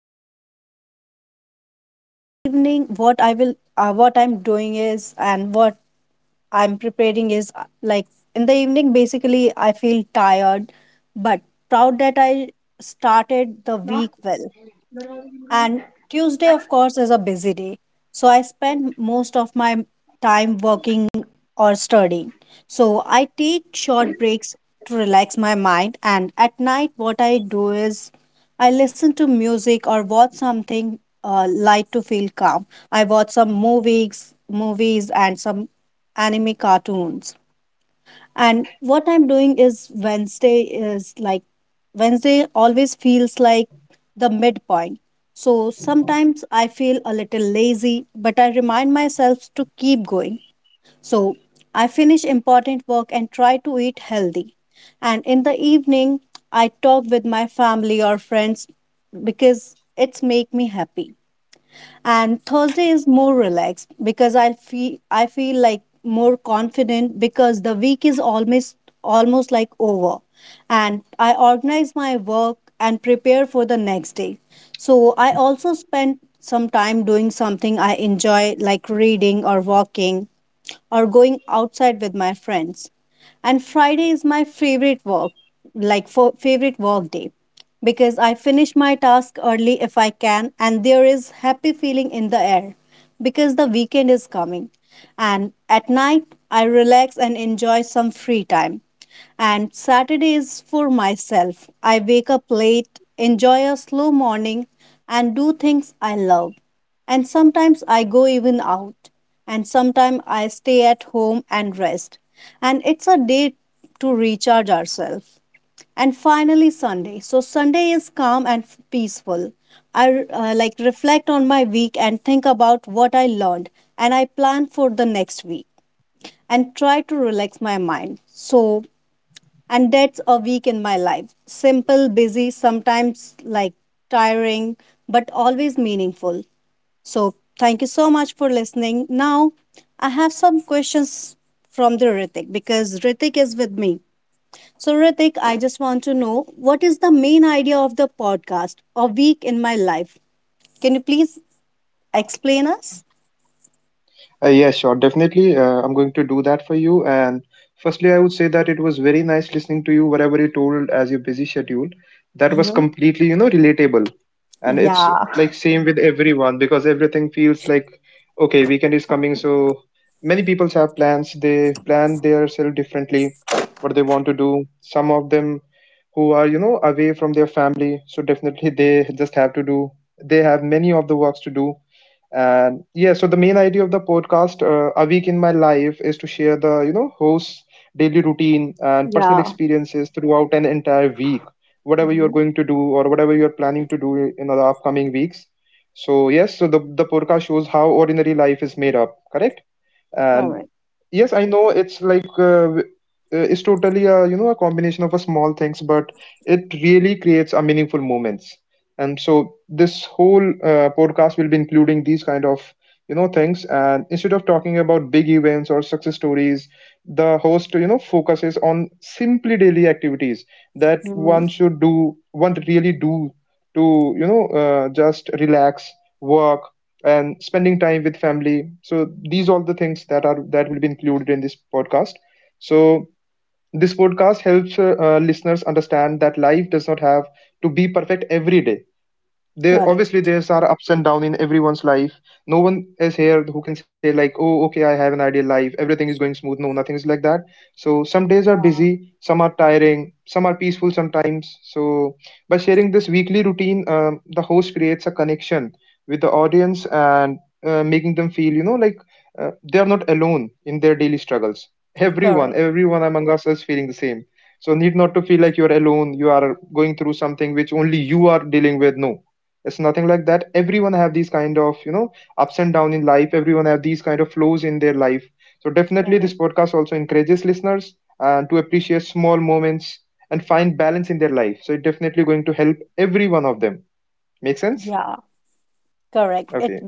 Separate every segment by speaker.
Speaker 1: stay focused. By the evening, what I will what I'm doing is and what I'm preparing is like in the evening, basically, I feel tired, but proud that I started the week well. And Tuesday, of course, is a busy day. So I spend most of my time working or studying. So I take short breaks to relax my mind. And at night, what I do is I listen to music or watch something light to feel calm. I watch some movies and some anime cartoons. And what I'm doing is Wednesday is like Wednesday always feels like the midpoint. So sometimes I feel a little lazy, but I remind myself to keep going. So I finish important work and try to eat healthy. And in the evening, I talk with my family or friends because it's make me happy. And Thursday is more relaxed because I feel like more confident because the week is almost like over, and I organize my work and prepare for the next day. So I also spend some time doing something I enjoy, like reading or walking or going outside with my friends. And Friday is my favorite work day because I finish my task early if I can, and there is happy feeling in the air because the weekend is coming. And at night I relax and enjoy some free time. And Saturday is for myself. I wake up late, enjoy a slow morning, and do things I love. And sometimes I go even out, and sometimes I stay at home and rest. And it's a day to recharge ourselves. And finally, Sunday. So, Sunday is calm and peaceful. I like reflect on my week and think about what I learned, and I plan for the next week and try to relax my mind. So, and that's a week in my life. Simple, busy, sometimes like tiring, but always meaningful. So, thank you so much for listening. Now, I have some questions from the Ritik because Ritik is with me. So, Ritik, I just want to know, what is the main idea of the podcast, A Week in My Life? Can you please explain us?
Speaker 2: Yeah, sure, definitely. I'm going to do that for you. And firstly, I would say that it was very nice listening to you, whatever you told as your busy schedule. That was
Speaker 1: Mm-hmm.
Speaker 2: completely, relatable. And it's
Speaker 1: Yeah.
Speaker 2: like same with everyone because everything feels like, okay, weekend is coming. So many people have plans. They plan themselves differently, what they want to do. Some of them who are, away from their family. So definitely they just have to do, they have many of the works to do. And yeah, so the main idea of the podcast, a week in my life, is to share the host's daily routine and personal
Speaker 1: Yeah.
Speaker 2: experiences throughout an entire week, whatever you're
Speaker 1: Mm-hmm.
Speaker 2: going to do or whatever you're planning to do in the upcoming weeks. So yes, so the podcast shows how ordinary life is made up, correct? And
Speaker 1: Correct.
Speaker 2: yes, I know it's like, it's totally a a combination of a small things, but it really creates a meaningful moments. And so this whole podcast will be including these kind of things. And instead of talking about big events or success stories, the host focuses on simply daily activities that
Speaker 1: Mm,
Speaker 2: one should do, one really do to just relax, work and spending time with family. So these all the things that are that will be included in this podcast. So this podcast helps listeners understand that life does not have to be perfect every day. There
Speaker 1: Correct.
Speaker 2: obviously there's are ups and down in everyone's life. No one is here who can say like, oh okay, I have an ideal life, everything is going smooth. No, nothing is like that. So some days are
Speaker 1: Yeah.
Speaker 2: busy, some are tiring, some are peaceful sometimes. So by sharing this weekly routine, the host creates a connection with the audience and making them feel like they are not alone in their daily struggles.
Speaker 1: Correct.
Speaker 2: Everyone among us is feeling the same, so need not to feel like you are alone, you are going through something which only you are dealing with. No, it's nothing like that. Everyone have these kind of ups and down in life. Everyone have these kind of flows in their life. So definitely
Speaker 1: Correct.
Speaker 2: this podcast also encourages listeners and to appreciate small moments and find balance in their life. So it's definitely going to help every one of them, make sense?
Speaker 1: Yeah. Correct. It
Speaker 2: Okay.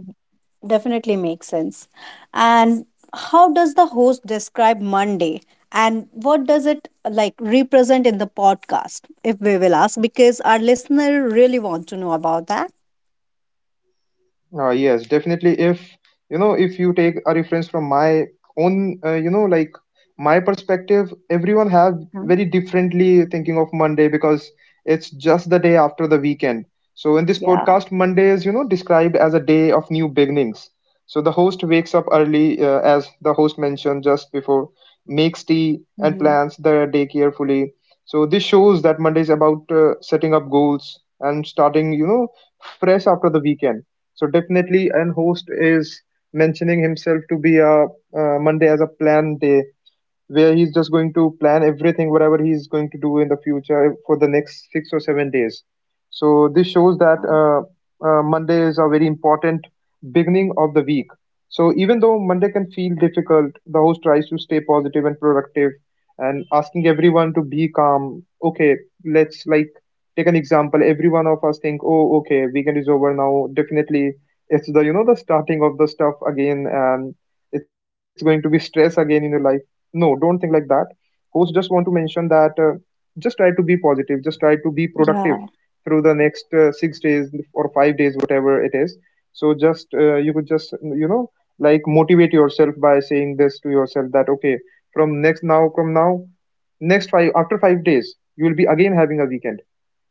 Speaker 1: definitely makes sense. And how does the host describe Monday? And what does it like represent in the podcast, if we will ask? Because our listener really want to know about that.
Speaker 2: Yes, definitely. If you know, if you take a reference from my own, like my perspective, everyone have
Speaker 1: Mm-hmm.
Speaker 2: very differently thinking of Monday because it's just the day after the weekend. So in this
Speaker 1: Yeah.
Speaker 2: podcast, Monday is described as a day of new beginnings. So the host wakes up early, as the host mentioned just before, makes tea and
Speaker 1: Mm-hmm.
Speaker 2: plans the day carefully. So this shows that Monday is about setting up goals and starting, fresh after the weekend. So definitely, and host is mentioning himself to be a Monday as a plan day where he's just going to plan everything whatever he's going to do in the future for the next 6 or 7 days. So this shows that
Speaker 1: Yeah.
Speaker 2: Monday is a very important beginning of the week. So even though Monday can feel difficult, the host tries to stay positive and productive and asking everyone to be calm. Okay, let's like take an example, every one of us think, oh okay, weekend is over, now definitely it's the the starting of the stuff again and it's going to be stress again in your life. No, don't think like that. Host just want to mention that just try to be positive, just try to be productive
Speaker 1: Yeah.
Speaker 2: through the next 6 days or 5 days, whatever it is. So just you could just you know like motivate yourself by saying this to yourself that okay, from next, now from now, next 5, after 5 days you will be again having a weekend.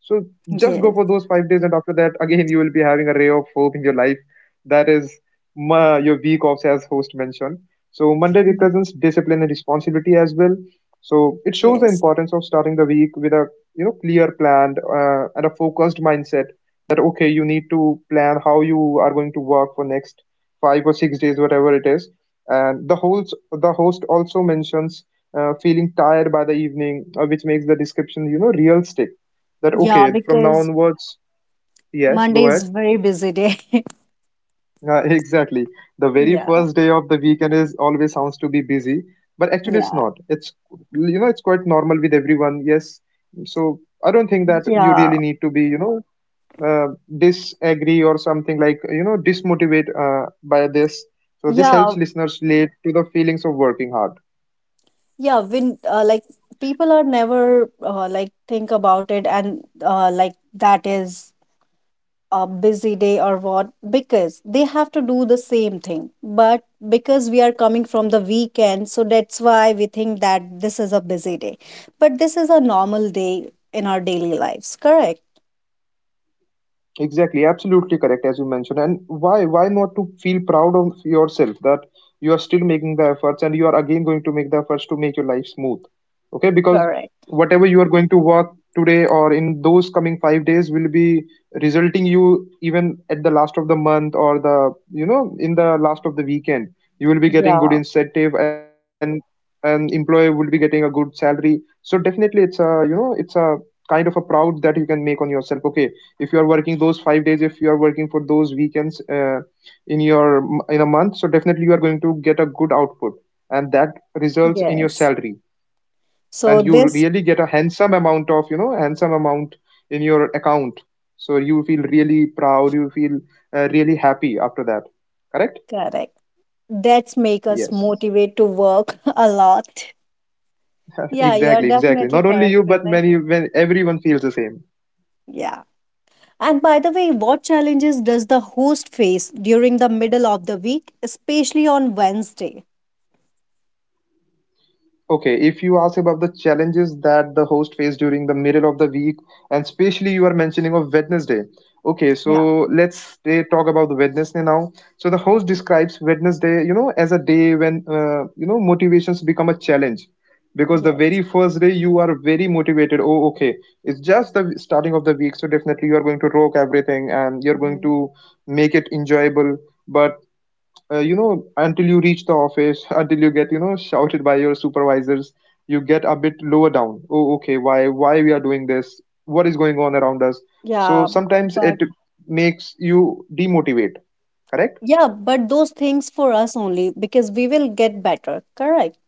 Speaker 2: So just go
Speaker 1: Yes.
Speaker 2: for those 5 days and after that again you will be having a ray of hope in your life, that is ma your week offs, as host mentioned. So Monday
Speaker 1: Mhm.
Speaker 2: represents discipline and responsibility as well. So it shows the
Speaker 1: Yes.
Speaker 2: importance of starting the week with a clear plan and a focused mindset, that okay you need to plan how you are going to work for next 5 or 6 days, whatever it is. And the host also mentions feeling tired by the evening, which makes the description realistic. That
Speaker 1: Yeah,
Speaker 2: okay, from now
Speaker 1: because
Speaker 2: onwards, yes,
Speaker 1: Monday
Speaker 2: go
Speaker 1: is
Speaker 2: ahead.
Speaker 1: very busy day.
Speaker 2: Yeah, exactly. The very
Speaker 1: Yeah.
Speaker 2: first day of the weekend is always sounds to be busy, but actually it's
Speaker 1: Yeah,
Speaker 2: not. It's it's quite normal with everyone. Yes, so I don't think that you
Speaker 1: yeah,
Speaker 2: really need to be uh, disagree or something like dismotivate by this. So this
Speaker 1: yeah,
Speaker 2: helps listeners relate to the feelings of working hard.
Speaker 1: yeah. When like people are never like think about it, and like that is a busy day or what, because they have to do the same thing, but because we are coming from the weekend, so that's why we think that this is a busy day, but this is a normal day in our daily lives. Correct.
Speaker 2: Exactly, absolutely correct as you mentioned. And why not to feel proud of yourself that you are still making the efforts and you are again going to make the efforts to make your life smooth. Okay, because
Speaker 1: Correct.
Speaker 2: whatever you are going to work today or in those coming 5 days will be resulting you even at the last of the month or the in the last of the weekend. You will be getting good
Speaker 1: Yeah.
Speaker 2: incentive and an employer will be getting a good salary. So definitely it's a it's a kind of a proud that you can make on yourself, okay, if you are working those 5 days, if you are working for those weekends in your in a month. So definitely you are going to get a good output and that results in your
Speaker 1: Yes.
Speaker 2: salary and
Speaker 1: So
Speaker 2: you
Speaker 1: this
Speaker 2: really get a handsome amount of handsome amount in your account. So you feel really proud, you feel really happy after that, correct?
Speaker 1: correct, that's make us
Speaker 2: Yes,
Speaker 1: motivate to work a lot. Yeah, you're
Speaker 2: exactly, exactly,
Speaker 1: definitely
Speaker 2: not only
Speaker 1: correct,
Speaker 2: you but
Speaker 1: Pratik.
Speaker 2: many, when everyone feels the same.
Speaker 1: Yeah. And by the way, what challenges does the host face during the middle of the week, especially on Wednesday?
Speaker 2: Okay, if you ask about the challenges that the host face during the middle of the week, and especially you are mentioning of Wednesday. Okay,
Speaker 1: Yeah.
Speaker 2: so let's they talk about the Wednesday now. So the host
Speaker 1: Hmm.
Speaker 2: describes Wednesday, as a day when motivations become a challenge, because the
Speaker 1: Yes.
Speaker 2: very first day you are very motivated. Oh okay, it's just the starting of the week, so definitely you are going to rock everything and you're going
Speaker 1: Hmm.
Speaker 2: to make it enjoyable. But until you reach the office until you get shouted by your supervisors, you get a bit lower down. Oh okay, why we are doing this, what is going on around us? So
Speaker 1: Yeah.
Speaker 2: sometimes it
Speaker 1: But
Speaker 2: makes you demotivate, correct?
Speaker 1: yeah, but those things for us only because we will get better. Correct.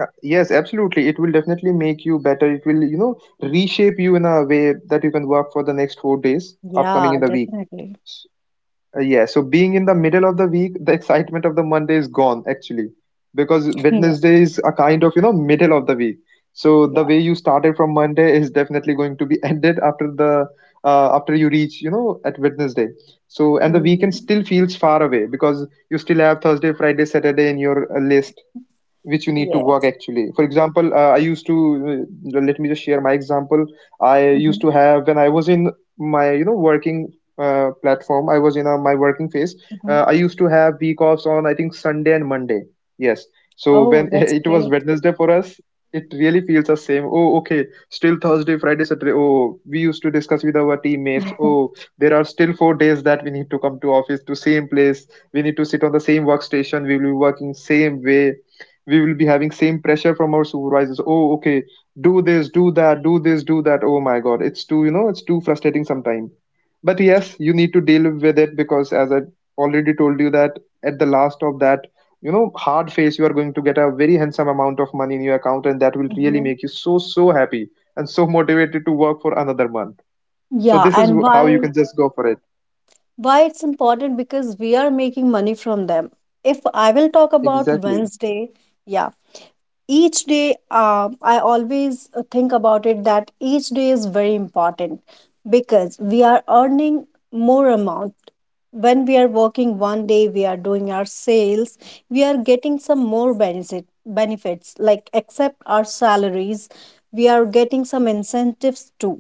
Speaker 2: Yes absolutely, it will definitely make you better, it will reshape you in a way that you can work for the next 4 days upcoming in
Speaker 1: Yeah,
Speaker 2: the week.
Speaker 1: definitely.
Speaker 2: Yeah, so being in the middle of the week, the excitement of the Monday is gone actually, because
Speaker 1: Yeah.
Speaker 2: Wednesday is a kind of, middle of the week. So the way
Speaker 1: Yeah.
Speaker 2: you started from Monday is definitely going to be ended after the after you reach, at Wednesday. So and the weekend
Speaker 1: Hmm.
Speaker 2: still feels far away because you still have Thursday, Friday, Saturday in your list, which you need to
Speaker 1: Yeah.
Speaker 2: work. Actually, for example, I used to, let me just share my example, I used to
Speaker 1: Hmm.
Speaker 2: have when I was in my working platform, I was in my working phase,
Speaker 1: Hmm.
Speaker 2: I used to have week offs on, I think, Sunday and Monday. Yes, so
Speaker 1: Oh,
Speaker 2: when
Speaker 1: that's
Speaker 2: it was
Speaker 1: great.
Speaker 2: Wednesday for us, it really feels the same. Oh okay, still Thursday, Friday, Saturday. Oh, we used to discuss with our teammates, oh, there are still 4 days that we need to come to office, to same place we need to sit, on the same workstation we will be working, same way we will be having same pressure from our supervisors. Oh okay, do this, do that, do this, do that. Oh my god, it's too it's too frustrating sometimes. But yes, you need to deal with it, because as I already told you that at the last of that hard phase, you are going to get a very handsome amount of money in your account and that will really
Speaker 1: Hmm.
Speaker 2: make you so so happy and so motivated to work for another month. So
Speaker 1: Yeah.
Speaker 2: this is
Speaker 1: And
Speaker 2: how you
Speaker 1: why?
Speaker 2: can just go for it,
Speaker 1: Why it's important? Because we are making money from them. If I will talk about
Speaker 2: exactly.
Speaker 1: Wednesday, yeah, each day I always think about it that each day is very important because we are earning more amount. When we are working one day, we are doing our sales, we are getting some more benefits like except our salaries, we are getting some incentives too.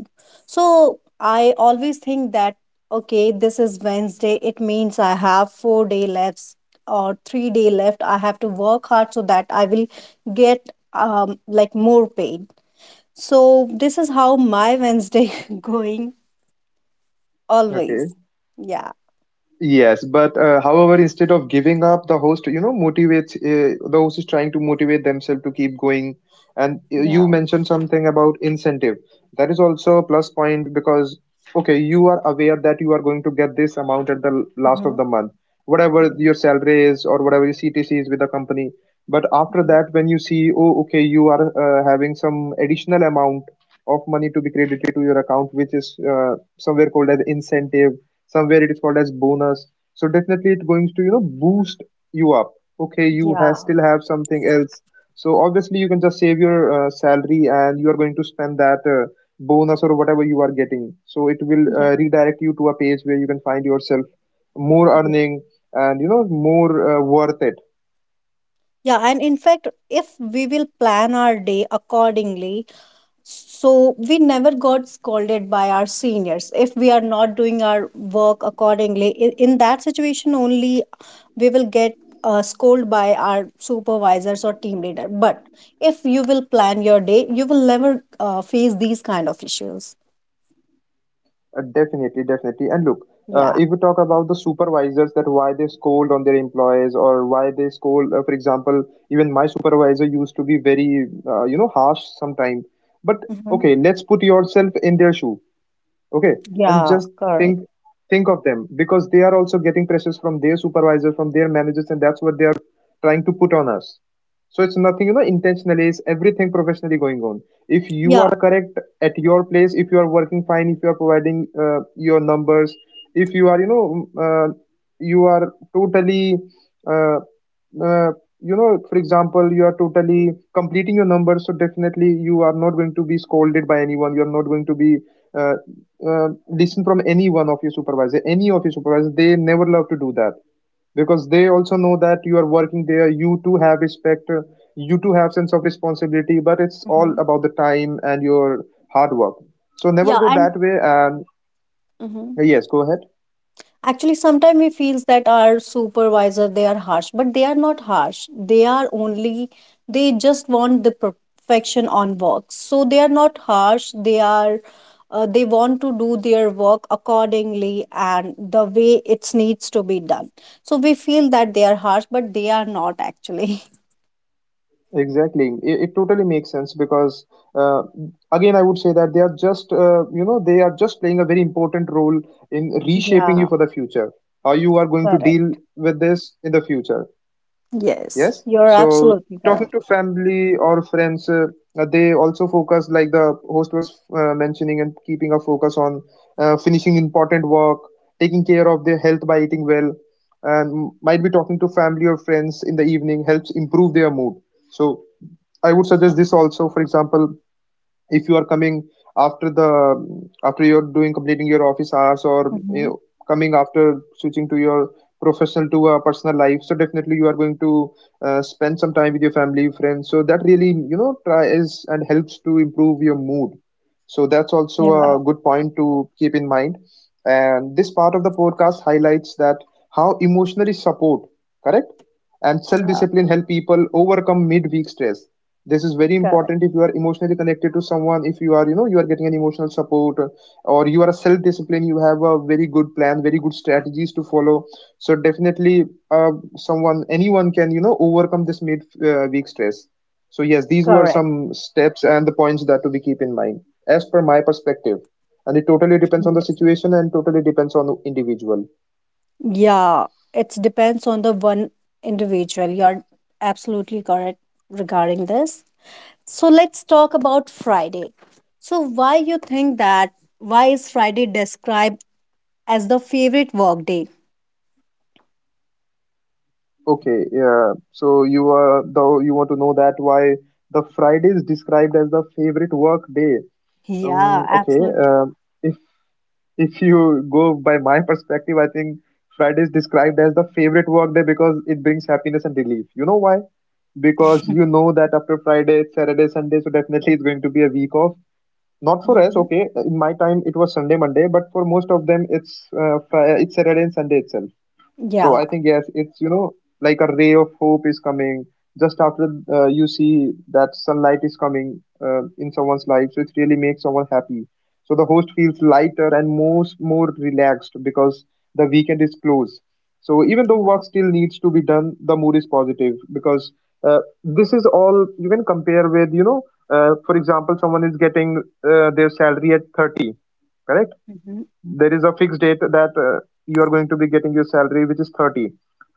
Speaker 1: So I always think that, okay, this is Wednesday. It means I have four-day left or three-day left. I have to work hard so that I will get like more paid. So this is how my Wednesday going
Speaker 2: Okay.
Speaker 1: always. Yeah.
Speaker 2: Yes, but however, instead of giving up, the host, you know, motivates, the host is trying to motivate themselves to keep going. And you
Speaker 1: Yeah.
Speaker 2: mentioned something about incentive. That is also a plus point because, okay, you are aware that you are going to get this amount at the last of
Speaker 1: Mhm.
Speaker 2: the month, whatever
Speaker 1: Yeah.
Speaker 2: your salary is or whatever your CTC is with the company. But after
Speaker 1: Mhm.
Speaker 2: that, when you see, oh, okay, you are having some additional amount of money to be credited to your account, which is somewhere called as incentive, somewhere it is called as bonus. So definitely it's going to, you know, boost you up. Okay, you have
Speaker 1: Yeah.
Speaker 2: still have something else, so obviously you can just save your salary and you are going to spend that bonus or whatever you are getting. So it will
Speaker 1: Yeah.
Speaker 2: redirect you to a page where you can find yourself more
Speaker 1: Yeah,
Speaker 2: earning and, you know, more worth it.
Speaker 1: yeah. And in fact, if we will plan our day accordingly, so we never got scolded by our seniors. If we are not doing our work accordingly, in that situation only we will get scolded by our supervisors or team leader. But if you will plan your day, you will never face these kind of issues.
Speaker 2: Definitely, definitely. And look,
Speaker 1: Yeah.
Speaker 2: if we talk about the supervisors, that why they scold on their employees or why they scold, for example, even my supervisor used to be very, you know, harsh sometimes. But
Speaker 1: Hmm.
Speaker 2: okay, let's put yourself in their shoe, okay, and
Speaker 1: Yeah.
Speaker 2: just
Speaker 1: Correct.
Speaker 2: think think of them, because they are also getting pressures from their supervisors, from their managers, and that's what they are trying to put on us. So it's nothing, you know, intentionally, it's everything professionally going on. If you
Speaker 1: Yeah.
Speaker 2: are correct at your place, if you are working fine, if you are providing your numbers, if you are, you know, you are totally uh, uh, you know, for example, you are totally completing your numbers, so definitely you are not going to be scolded by anyone, you are not going to be uh, listen from any one of your supervisor, any of your supervisors. They never love to do that because they also know that you are working there, you too have respect, you too have sense of responsibility. But it's all
Speaker 1: Hmm.
Speaker 2: about the time and your hard work, so never
Speaker 1: Yeah.
Speaker 2: go
Speaker 1: And
Speaker 2: that way. And
Speaker 1: Mhm.
Speaker 2: yes, go ahead
Speaker 1: Actually, sometimes we feels that our supervisor, they are harsh, but they are not harsh. They are only, they just want the perfection on work. So they are not harsh. They are they want to do their work accordingly and the way it needs to be done. So we feel that they are harsh, but they are not actually.
Speaker 2: exactly. It totally makes sense because uh, again I would say that they are just you know, they are just playing a very important role in reshaping
Speaker 1: Yeah,
Speaker 2: you for the future, how you are going to deal
Speaker 1: correct.
Speaker 2: with this in the future.
Speaker 1: Yes,
Speaker 2: Yes,
Speaker 1: you're
Speaker 2: so
Speaker 1: absolutely
Speaker 2: talking
Speaker 1: correct.
Speaker 2: to family or friends, they also focus like the host was mentioning and keeping a focus on finishing important work, taking care of their health by eating well, and might be talking to family or friends in the evening helps improve their mood. So I would suggest
Speaker 1: Yeah.
Speaker 2: this also, for example, if you are coming after the after you're doing completing your office hours or, you
Speaker 1: Mm-hmm.
Speaker 2: know, coming after switching to your professional to a personal life. So definitely you are going to spend some time with your family friends, so that really, you know, tries and helps to improve your mood. So that's also
Speaker 1: Yeah.
Speaker 2: a good point to keep in mind. And this part of the podcast highlights that how emotionally support correct and
Speaker 1: Yeah.
Speaker 2: self-discipline help people overcome midweek stress. This is very
Speaker 1: Correct.
Speaker 2: important. If you are emotionally connected to someone, if you are, you know, you are getting an emotional support, or you are a self discipline, you have a very good plan, very good strategies to follow, so definitely uh, someone, anyone can, you know, overcome this mid week stress. So yes, these were
Speaker 1: Correct.
Speaker 2: some steps and the points that to be keep in mind as per my perspective, and it totally depends on the
Speaker 1: Yes.
Speaker 2: situation and totally depends on the individual.
Speaker 1: Yeah, it depends on the one individual. You're absolutely correct regarding this. So let's talk about Friday. So why you think that, why is Friday described as the favorite work day?
Speaker 2: Okay, yeah, so you are, though, you want to know that why the Friday is described as the favorite work day.
Speaker 1: Yeah,
Speaker 2: Um, okay.
Speaker 1: absolutely.
Speaker 2: Um if if you go by my perspective, I think Friday is described as the favorite work day because it brings happiness and relief. You know why? Because you know that after Friday, it's Saturday, Sunday, so definitely it's going to be a week off. Not for us,
Speaker 1: Hmm.
Speaker 2: okay. In my time, it was Sunday, Monday, but for most of them, it's it's Saturday and Sunday itself. So
Speaker 1: Yeah.
Speaker 2: I think yes, it's, you know, like a ray of hope is coming just after you see that sunlight is coming in someone's life. So it really makes someone happy. So the host feels lighter and most more relaxed because the weekend is close. So even though
Speaker 1: Yeah.
Speaker 2: work still needs to be done, the mood is positive because this is all you can compare with, you know. For example, someone is getting their salary at 30, correct?
Speaker 1: Mhm.
Speaker 2: There is a fixed date that you are going to be getting your salary which is 30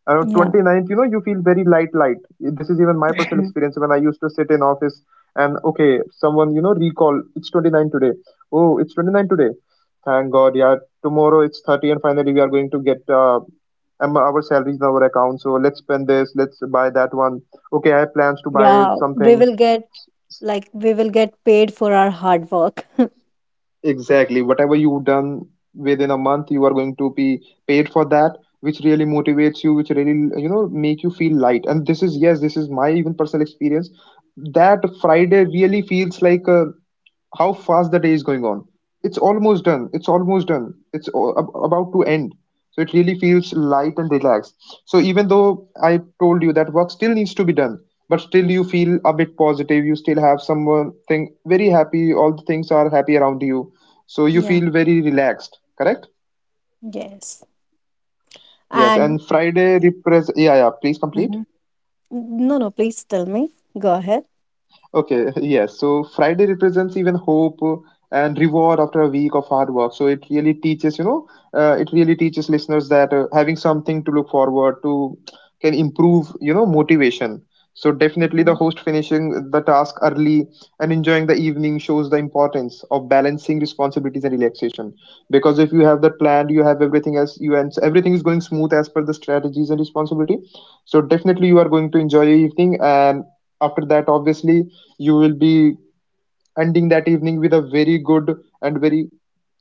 Speaker 2: around
Speaker 1: Yeah.
Speaker 2: ninth, you know you feel very light. This is even my personal experience. When I used to sit in office and okay, someone, you know, recall it's 29 today, oh it's 29 today, thank god, yeah, tomorrow it's 30 and finally we are going to get our salaries in our account. So let's spend this, let's buy that one, okay, I have plans to buy
Speaker 1: Yeah, we
Speaker 2: something.
Speaker 1: will get we will get paid for our hard work.
Speaker 2: Exactly. Whatever you've done within a month, you are going to be paid for that, which really motivates you, which really, you know, make you feel light. And this is, yes, this is my even personal experience. That Friday really feels like a, how fast the day is going on, it's almost done, it's almost done, it's about to end. So it really feels light and relaxed. So even though I told you that work still needs to be done, but still you feel a bit positive, you still have someone thing very happy, all the things are happy around you, so you
Speaker 1: Yeah.
Speaker 2: feel very relaxed, correct.
Speaker 1: Yes.
Speaker 2: Yes,
Speaker 1: And
Speaker 2: and Friday please complete.
Speaker 1: hmm, no, no, please tell me. Go ahead.
Speaker 2: Okay, yes. So Friday represents even hope and reward after a week of hard work. So it really teaches, you know, it really teaches listeners that having something to look forward to can improve, you know, motivation. So definitely the
Speaker 1: Mhm.
Speaker 2: host finishing the task early and enjoying the evening shows the importance of balancing responsibilities and relaxation. Because if you have that plan, you have everything as you and everything is going smooth as per the strategies and responsibility. So definitely you are going to enjoy your evening, and after that obviously you will be ending that evening with a very good and very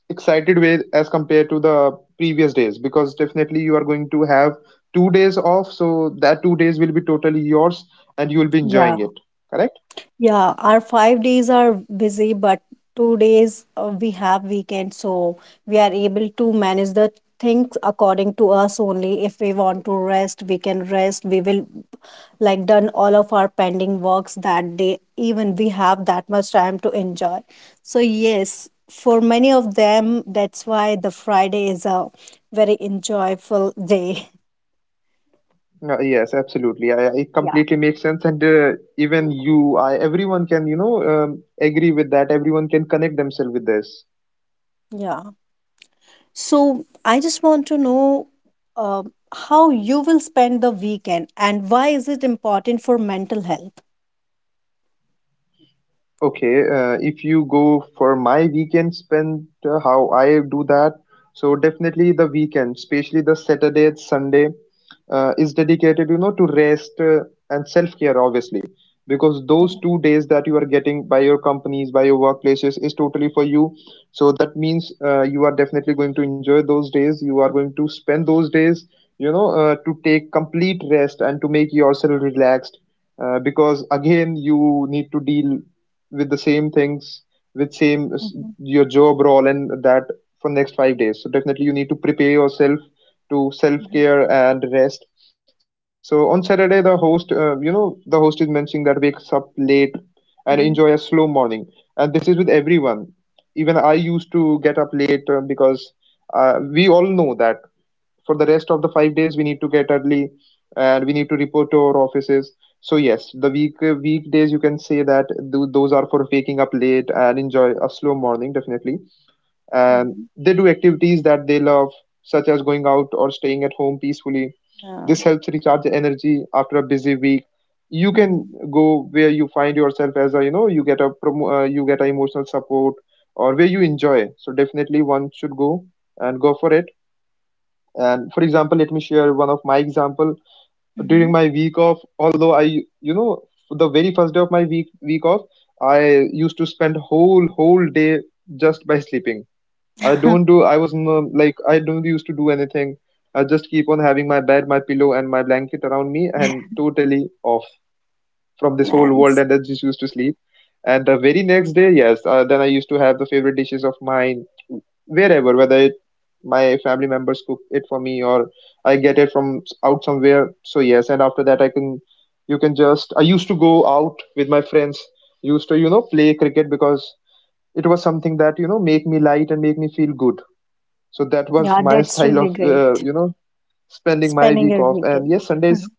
Speaker 2: excited way as compared to the previous days, because definitely you are going to have 2 days off, so that 2 days will be totally yours and you will be enjoying
Speaker 1: Yeah.
Speaker 2: it, correct.
Speaker 1: Yeah, our five days are busy, but two days we have weekend, so we are able to manage the things according to us only. If we want to rest, we can rest. We will like done all of our pending works that day. Even we have that much time to enjoy. So yes, for many of them, that's why the Friday is a very enjoyable day.
Speaker 2: Yes, absolutely. It
Speaker 1: Yeah.
Speaker 2: completely makes sense and even you, I, everyone can, you know, agree with that, everyone can connect themselves with this.
Speaker 1: Yeah. So I just want to know uh, how you will spend the weekend and why is it important for mental health?
Speaker 2: Okay, if you go for my weekend spend, how I do that, so definitely the weekend, especially the Saturday and Sunday, is dedicated, you know, to rest and self-care, obviously because those 2 days that you are getting by your companies, by your workplaces, is totally for you. So that means you are definitely going to enjoy those days, you are going to spend those days, you know, to take complete rest and to make yourself relaxed, because again you need to deal with the same things, with same
Speaker 1: Mm-hmm,
Speaker 2: your job role, and that for next 5 days. So definitely you need to prepare yourself to
Speaker 1: mm-hmm,
Speaker 2: self-care and rest. So on Saturday, the host, you know, the host is mentioning that wakes up late and enjoy a slow morning, and this is with everyone, even I used to get up late, because we all know that for the rest of the 5 days we need to get early and we need to report to our offices. So yes, the weekdays, you can say that those are for waking up late and enjoy a slow morning, definitely. And
Speaker 1: mm-hmm,
Speaker 2: they do activities that they love, such as going out or staying at home peacefully.
Speaker 1: yeah.
Speaker 2: This helps recharge energy after a busy week. You can
Speaker 1: Mm-hmm,
Speaker 2: go where you find yourself as a, you know, you get a you get a emotional support or where you enjoy. So definitely one should go and go for it. And for example, let me share one of my example.
Speaker 1: mm-hmm.
Speaker 2: During my week off, although I, you know, the very first day of my week off, I used to spend whole day just by sleeping. I don't do. I was like I don't used to do anything. I just keep on having my bed, my pillow, and my blanket around me, and totally off from this whole world.
Speaker 1: Nice.
Speaker 2: And I just used to sleep. And the very next day, yes, then I used to have the favorite dishes of mine wherever, whether my family members cook it for me or I get it from out somewhere. So yes, and after that, I can you can just I used to go out with my friends, used to play cricket because it was something that you know make me light and make me feel good. So that was
Speaker 1: Yeah,
Speaker 2: my
Speaker 1: that's
Speaker 2: style
Speaker 1: really
Speaker 2: of
Speaker 1: great.
Speaker 2: spending my
Speaker 1: Spending
Speaker 2: week
Speaker 1: your
Speaker 2: off.
Speaker 1: weekend.
Speaker 2: And yes, Sundays,
Speaker 1: Mhm,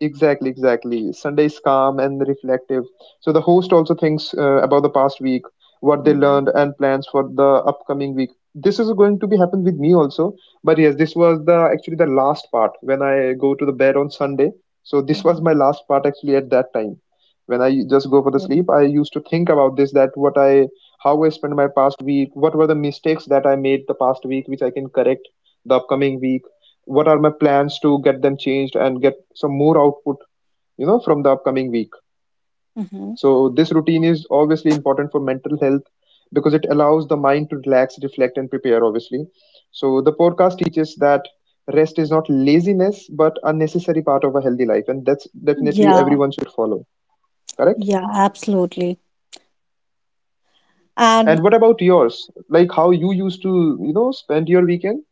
Speaker 2: exactly Sunday is calm and reflective. So the host also thinks about the past week what they
Speaker 1: mhm,
Speaker 2: learned and plans for the upcoming week. This is going to be happen with me also, but yes, this was the actually the last part when I go to the bed on Sunday. So this was my last part actually at that time when I just go for the
Speaker 1: Yeah.
Speaker 2: sleep, I used to think about this that what I how I spent my past week, what were the mistakes that I made the past week which I can correct the upcoming week, what are my plans to get them changed and get some more output you know from the upcoming week.
Speaker 1: mhm.
Speaker 2: So this routine is obviously important for mental health because it allows the mind to relax, reflect, and prepare obviously. So the podcast teaches that rest is not laziness but a necessary part of a healthy life, and that's definitely
Speaker 1: Yeah,
Speaker 2: everyone should follow, correct?
Speaker 1: yeah, absolutely. And
Speaker 2: And what about yours, like how you used to you know spend your weekend?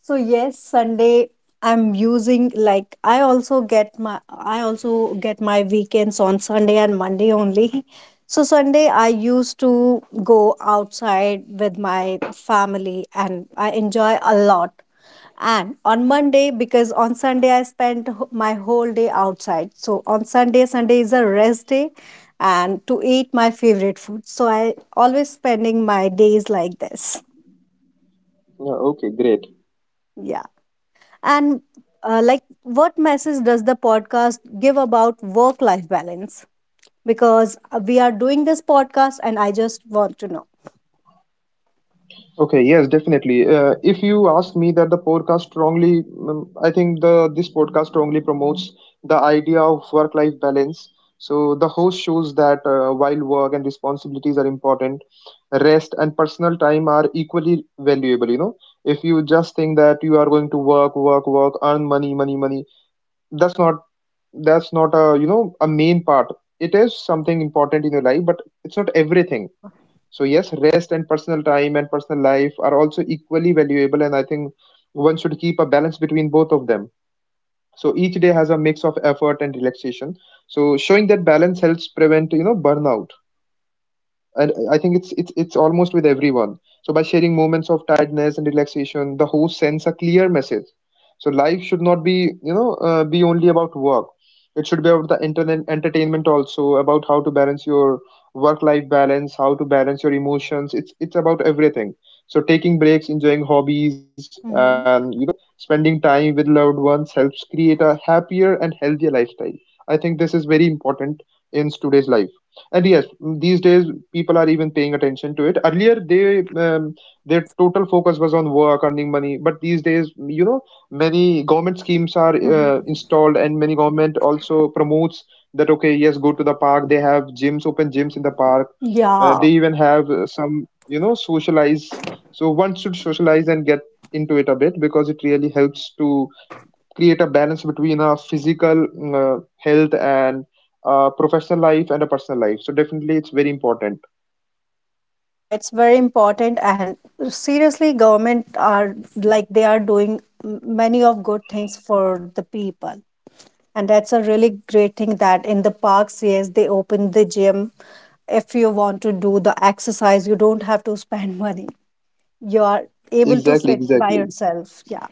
Speaker 1: so yes, Sunday I'm using, like I also get my, weekends on Sunday and Monday only. So Sunday I used to go outside with my family and I enjoy a lot. And on Monday, because on Sunday I spent my whole day outside. So on Sunday is a rest day and to eat my favorite food. So I always spending my days like this.
Speaker 2: Yeah, okay, great.
Speaker 1: Yeah. And like, what message does the podcast give about work life balance? Because we are doing this podcast, and I just want to know.
Speaker 2: Okay, yes, definitely. If you ask me that the podcast strongly, I think the this podcast strongly promotes the idea of
Speaker 1: Hmm.
Speaker 2: work-life balance. So the host shows that while work and responsibilities are important, rest and personal time are equally valuable. You know, if you just think that you are going to work, work, work, earn money, money, money, that's not a you know a main part. It is something important in your life, but it's not everything.
Speaker 1: Yeah.
Speaker 2: So yes, rest and personal time and personal life are also equally valuable, and I think one should keep a balance between both of them. So each day has a mix of effort and relaxation. So showing that
Speaker 1: Hmm.
Speaker 2: balance helps prevent, you know, burnout, and I think it's almost with everyone. So by sharing moments of tiredness and relaxation, the host sends a clear message. So life should not be be only about work, it should be about the internet entertainment also, about how to balance your work life balance, how to balance your emotions. It's about everything. So taking breaks, enjoying hobbies, and
Speaker 1: Hmm.
Speaker 2: you know spending time with loved ones helps create a happier and healthier lifestyle. I think this is very important in today's life, and yes, these days people are even paying attention to it. Earlier they their total focus was on work, earning money, but these days you know many government schemes are
Speaker 1: Hmm.
Speaker 2: installed, and many government also promotes that okay, yes, go to the park. They have gyms, open gyms in the park.
Speaker 1: Yeah.
Speaker 2: They even have some you know socialize. So one should socialize and get into it a bit because it really helps to create a balance between a physical health and professional life and a personal life. So definitely it's very important,
Speaker 1: Yeah, it's very important. And seriously, government are like, they are doing many of good things for the people. And that's a really great thing that in the parks, yes, they open the gym. If you want to do the exercise, you don't have to spend money. You are able to
Speaker 2: exactly
Speaker 1: fit by
Speaker 2: exactly
Speaker 1: yourself. Yeah.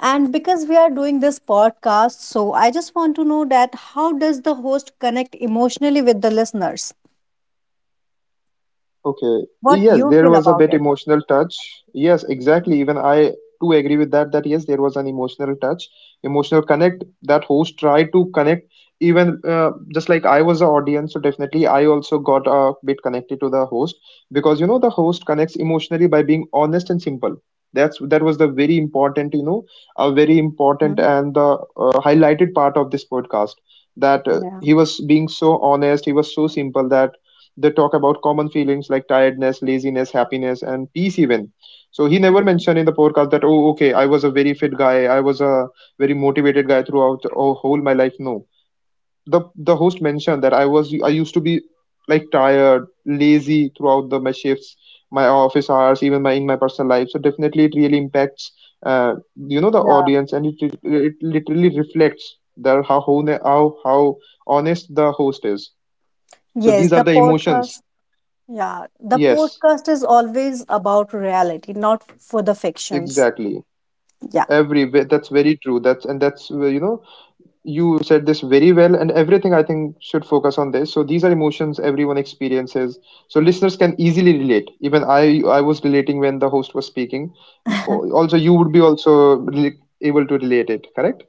Speaker 1: And because we are doing this podcast, so I just want to know that how does the host connect emotionally with the listeners?
Speaker 2: Okay.
Speaker 1: What
Speaker 2: Yes,
Speaker 1: you
Speaker 2: there
Speaker 1: feel
Speaker 2: was a
Speaker 1: about
Speaker 2: bit
Speaker 1: it?
Speaker 2: emotional touch. Yes, exactly. Even I too agree with that, that yes, there was an emotional touch, emotional connect that host tried to connect. Even just like I was the audience, so definitely I also got a bit connected to the host because you know the host connects emotionally by being honest and simple. That was the very important, you know, a very important
Speaker 1: Hmm.
Speaker 2: and the highlighted part of this podcast that
Speaker 1: Yeah.
Speaker 2: he was being so honest, he was so simple that they talk about common feelings like tiredness, laziness, happiness, and peace even. So he never
Speaker 1: Hmm.
Speaker 2: mentioned in the podcast that oh okay I was a very fit guy, I was a very motivated guy throughout oh, whole my life. No, the host mentioned that I used to be like tired, lazy throughout the my shifts, my office hours, even my in my personal life. So definitely it really impacts you know the
Speaker 1: Yeah.
Speaker 2: audience, and it literally reflects that how how honest the host is. So
Speaker 1: Yes,
Speaker 2: these
Speaker 1: the
Speaker 2: are the emotions.
Speaker 1: podcast. Yeah, the
Speaker 2: Yes.
Speaker 1: podcast is always about reality, not for the fictions.
Speaker 2: Exactly.
Speaker 1: Yeah.
Speaker 2: That's very true. That's you know you said this very well, and everything I think should focus on this. So these are emotions everyone experiences. So listeners can easily relate. Even I was relating when the host was speaking. Also, you would be also able to relate it. Correct?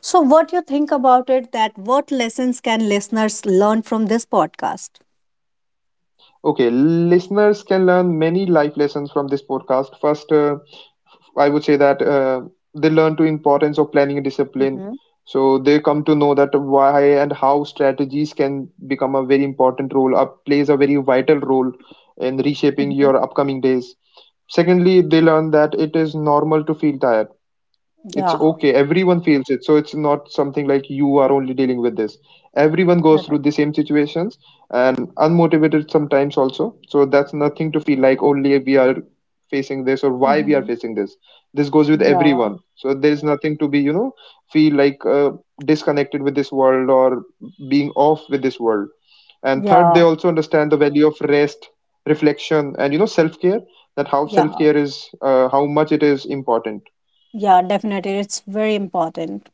Speaker 1: So what you think about it, that what lessons can listeners learn from this podcast?
Speaker 2: Okay. Listeners can learn many life lessons from this podcast. First. I would say that they learn to importance of planning and discipline.
Speaker 1: Hmm.
Speaker 2: So they come to know that why and how strategies can become a very important role, plays a very vital role in reshaping
Speaker 1: Hmm.
Speaker 2: your upcoming days. Secondly, they learn that it is normal to feel tired, it's
Speaker 1: Yeah.
Speaker 2: okay, everyone feels it. So it's not something like you are only dealing with this, everyone goes through
Speaker 1: Correct.
Speaker 2: the same situations and unmotivated sometimes also. So that's nothing to feel like only we are facing this or why we are
Speaker 1: Mhm.
Speaker 2: facing this, this goes with
Speaker 1: Yeah,
Speaker 2: everyone. So there is nothing to be you know feel like disconnected with this world or being off with this world. And third, they
Speaker 1: yeah,
Speaker 2: also understand the value of rest, reflection, and you know self-care, that how
Speaker 1: yeah,
Speaker 2: self-care is how much it is important.
Speaker 1: yeah, definitely. It's very important.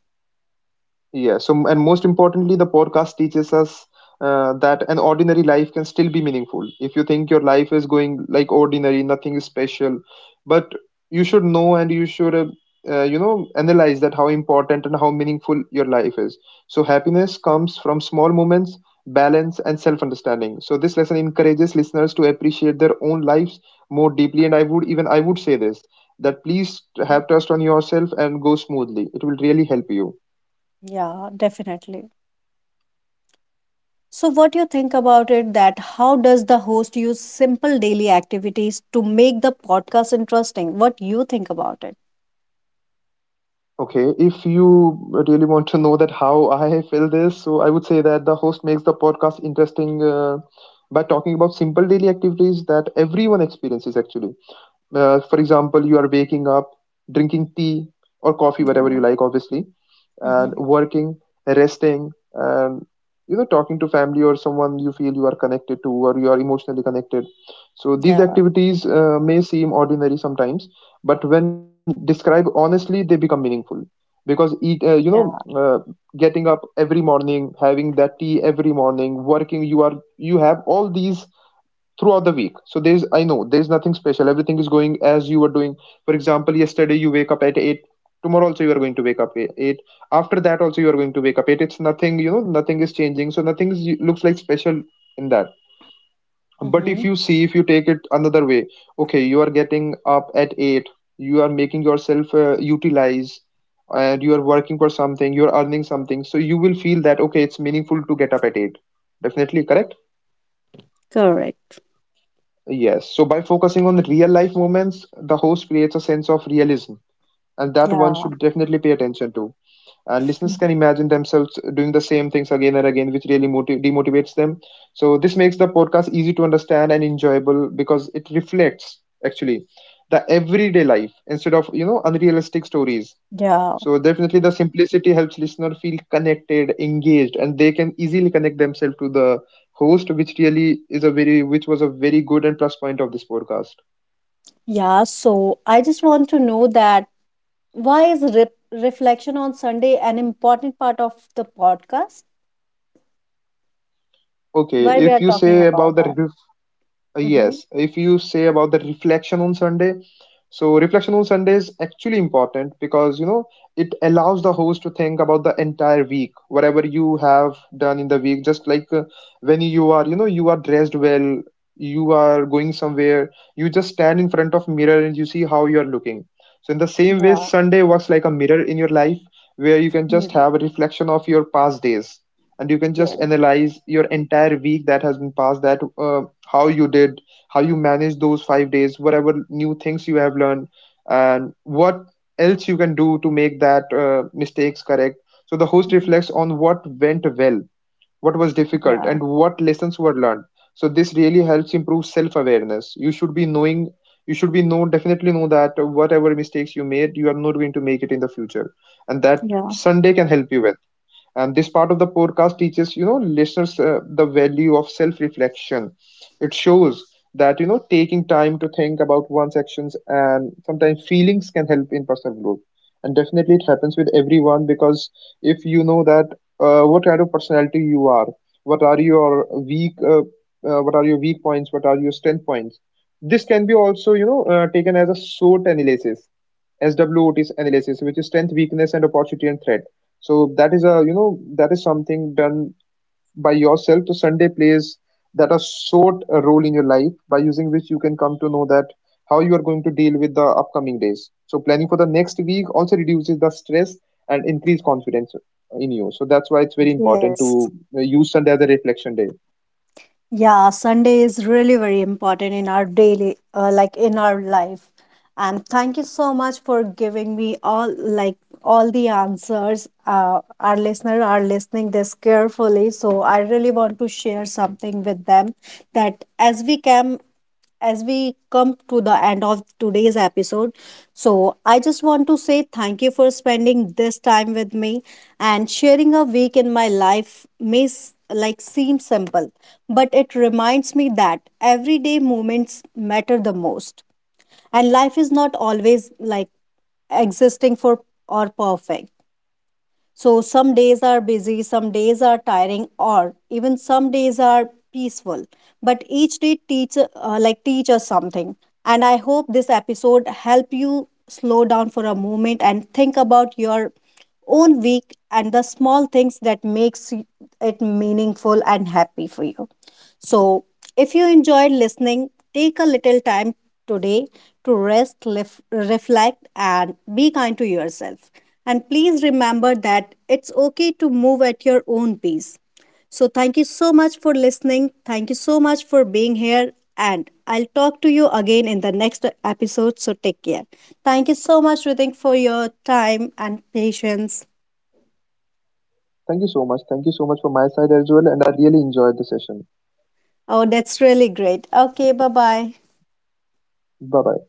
Speaker 2: Yeah, so and most importantly, the podcast teaches us that an ordinary life can still be meaningful. If you think your life is going like ordinary, nothing is special, but you should know and you should, you know, analyze that how important and how meaningful your life is. So happiness comes from small moments, balance, and self-understanding. So this lesson encourages listeners to appreciate their own lives more deeply. And I would say this that please
Speaker 1: Mhm.
Speaker 2: have trust on yourself and go smoothly. It will really help you.
Speaker 1: Yeah, definitely. So, what do you think about it, that how does the host use simple daily activities to make the podcast interesting? What do you think about it?
Speaker 2: Okay, if you really want to know that how I feel this, so I would say that the host makes the podcast interesting by talking about simple daily activities that everyone experiences actually. For example, you are waking up, drinking tea or coffee, whatever
Speaker 1: Yeah.
Speaker 2: you like, obviously, and
Speaker 1: Mm-hmm.
Speaker 2: working, resting, and you know, talking to family or someone you feel you are connected to or you are emotionally connected. So these
Speaker 1: Yeah,
Speaker 2: activities may seem ordinary sometimes, but when described honestly, they become meaningful because you know,
Speaker 1: yeah.
Speaker 2: getting up every morning, having that tea every morning, working, you are, you have all these throughout the week. So there's I know there's nothing special, everything is going as you were doing. For example, yesterday you wake up at 8, tomorrow also you are going to wake up at 8, after that also you are going to wake up 8. It's nothing, you know, nothing is changing, so nothing is, looks like special in that. But
Speaker 1: Mm-hmm.
Speaker 2: if you see, if you take it another way, okay, you are getting up at 8, you are making yourself utilize and you are working for something, you are earning something, so you will feel that okay, it's meaningful to get up at 8, definitely, correct?
Speaker 1: Correct.
Speaker 2: Yes, so by focusing on real life moments, the host creates a sense of realism, and that one
Speaker 1: Yeah,
Speaker 2: should definitely pay attention to. And listeners
Speaker 1: Mhm.
Speaker 2: can imagine themselves doing the same things again and again, which really demotivates them. So, this makes the podcast easy to understand and enjoyable because it reflects actually the everyday life instead of you know unrealistic stories.
Speaker 1: Yeah,
Speaker 2: So definitely the simplicity helps listener feel connected, engaged, and they can easily connect themselves to the host, which really is a very which was a very good and plus point of this podcast.
Speaker 1: yeah. So, I just want to know that why is re reflection on Sunday an important part of the podcast?
Speaker 2: Okay,
Speaker 1: Why we are
Speaker 2: if you
Speaker 1: talking
Speaker 2: say about
Speaker 1: about that?
Speaker 2: the
Speaker 1: Mm-hmm.
Speaker 2: yes, if you say about the reflection on Sunday, so reflection on Sunday is actually important because you know it allows the host to think about the entire week, whatever you have done in the week. Just like when you are, you know, you are dressed well, you are going somewhere, you just stand in front of mirror and you see how you are looking. So in the same way,
Speaker 1: Yeah,
Speaker 2: Sunday works like a mirror in your life where you can just
Speaker 1: yeah,
Speaker 2: have a reflection of your past days and you can just
Speaker 1: yeah,
Speaker 2: analyze your entire week that has been passed, that how you did, how you managed those 5 days, whatever new things you have learned, and what else you can do to make that mistakes correct. So the host
Speaker 1: mhm,
Speaker 2: reflects on what went well, what was difficult,
Speaker 1: yeah,
Speaker 2: and what lessons were learned. So this really helps improve self awareness. You should be knowing, you should be know definitely know that whatever mistakes you made you are not going to make it in the future, and that
Speaker 1: yeah,
Speaker 2: Sunday can help you with. And this part of the podcast teaches you know listeners the value of self reflection. It shows that you know taking time to think about one's actions and sometimes feelings can help in personal growth, and definitely it happens with everyone because if you know that what kind of personality you are, what are your weak what are your weak points, what are your strength points. This can be also you know taken as a SWOT analysis, SWOT's analysis, which is strength, weakness, and opportunity and threat. So that is a you know that is something done by yourself to Sunday plays that a sort a role in your life by using which you can come to know that how you are going to deal with the upcoming days. So planning for the next week also reduces the stress and increase confidence in you. So that's why it's very important
Speaker 1: yes.
Speaker 2: to use Sunday as a reflection day.
Speaker 1: Yeah, Sunday is really very important in our daily, like in our life. And thank you so much for giving me all, like all the answers. Our listeners are listening this carefully, so I really want to share something with them, that as we come to the end of today's episode. So I just want to say thank you for spending this time with me, and sharing a week in my life may like seem simple, but it reminds me that everyday moments matter the most, and life is not always like existing for or perfect. So some days are busy, some days are tiring, or even some days are peaceful. But each day teach like teach us something. And I hope this episode help you slow down for a moment and think about your own week and the small things that makes it meaningful and happy for you. So, if you enjoyed listening, take a little time today to rest, reflect, and be kind to yourself. And please remember that it's okay to move at your own pace. So, thank you so much for listening. Thank you so much for being here. And I'll talk to you again in the next episode. So, take care. Thank you so much, Ritik, for your time and patience.
Speaker 2: Thank you so much. Thank you so much for my side as well. And I really enjoyed the session.
Speaker 1: Oh, that's really great. Okay, bye bye.
Speaker 2: Bye bye.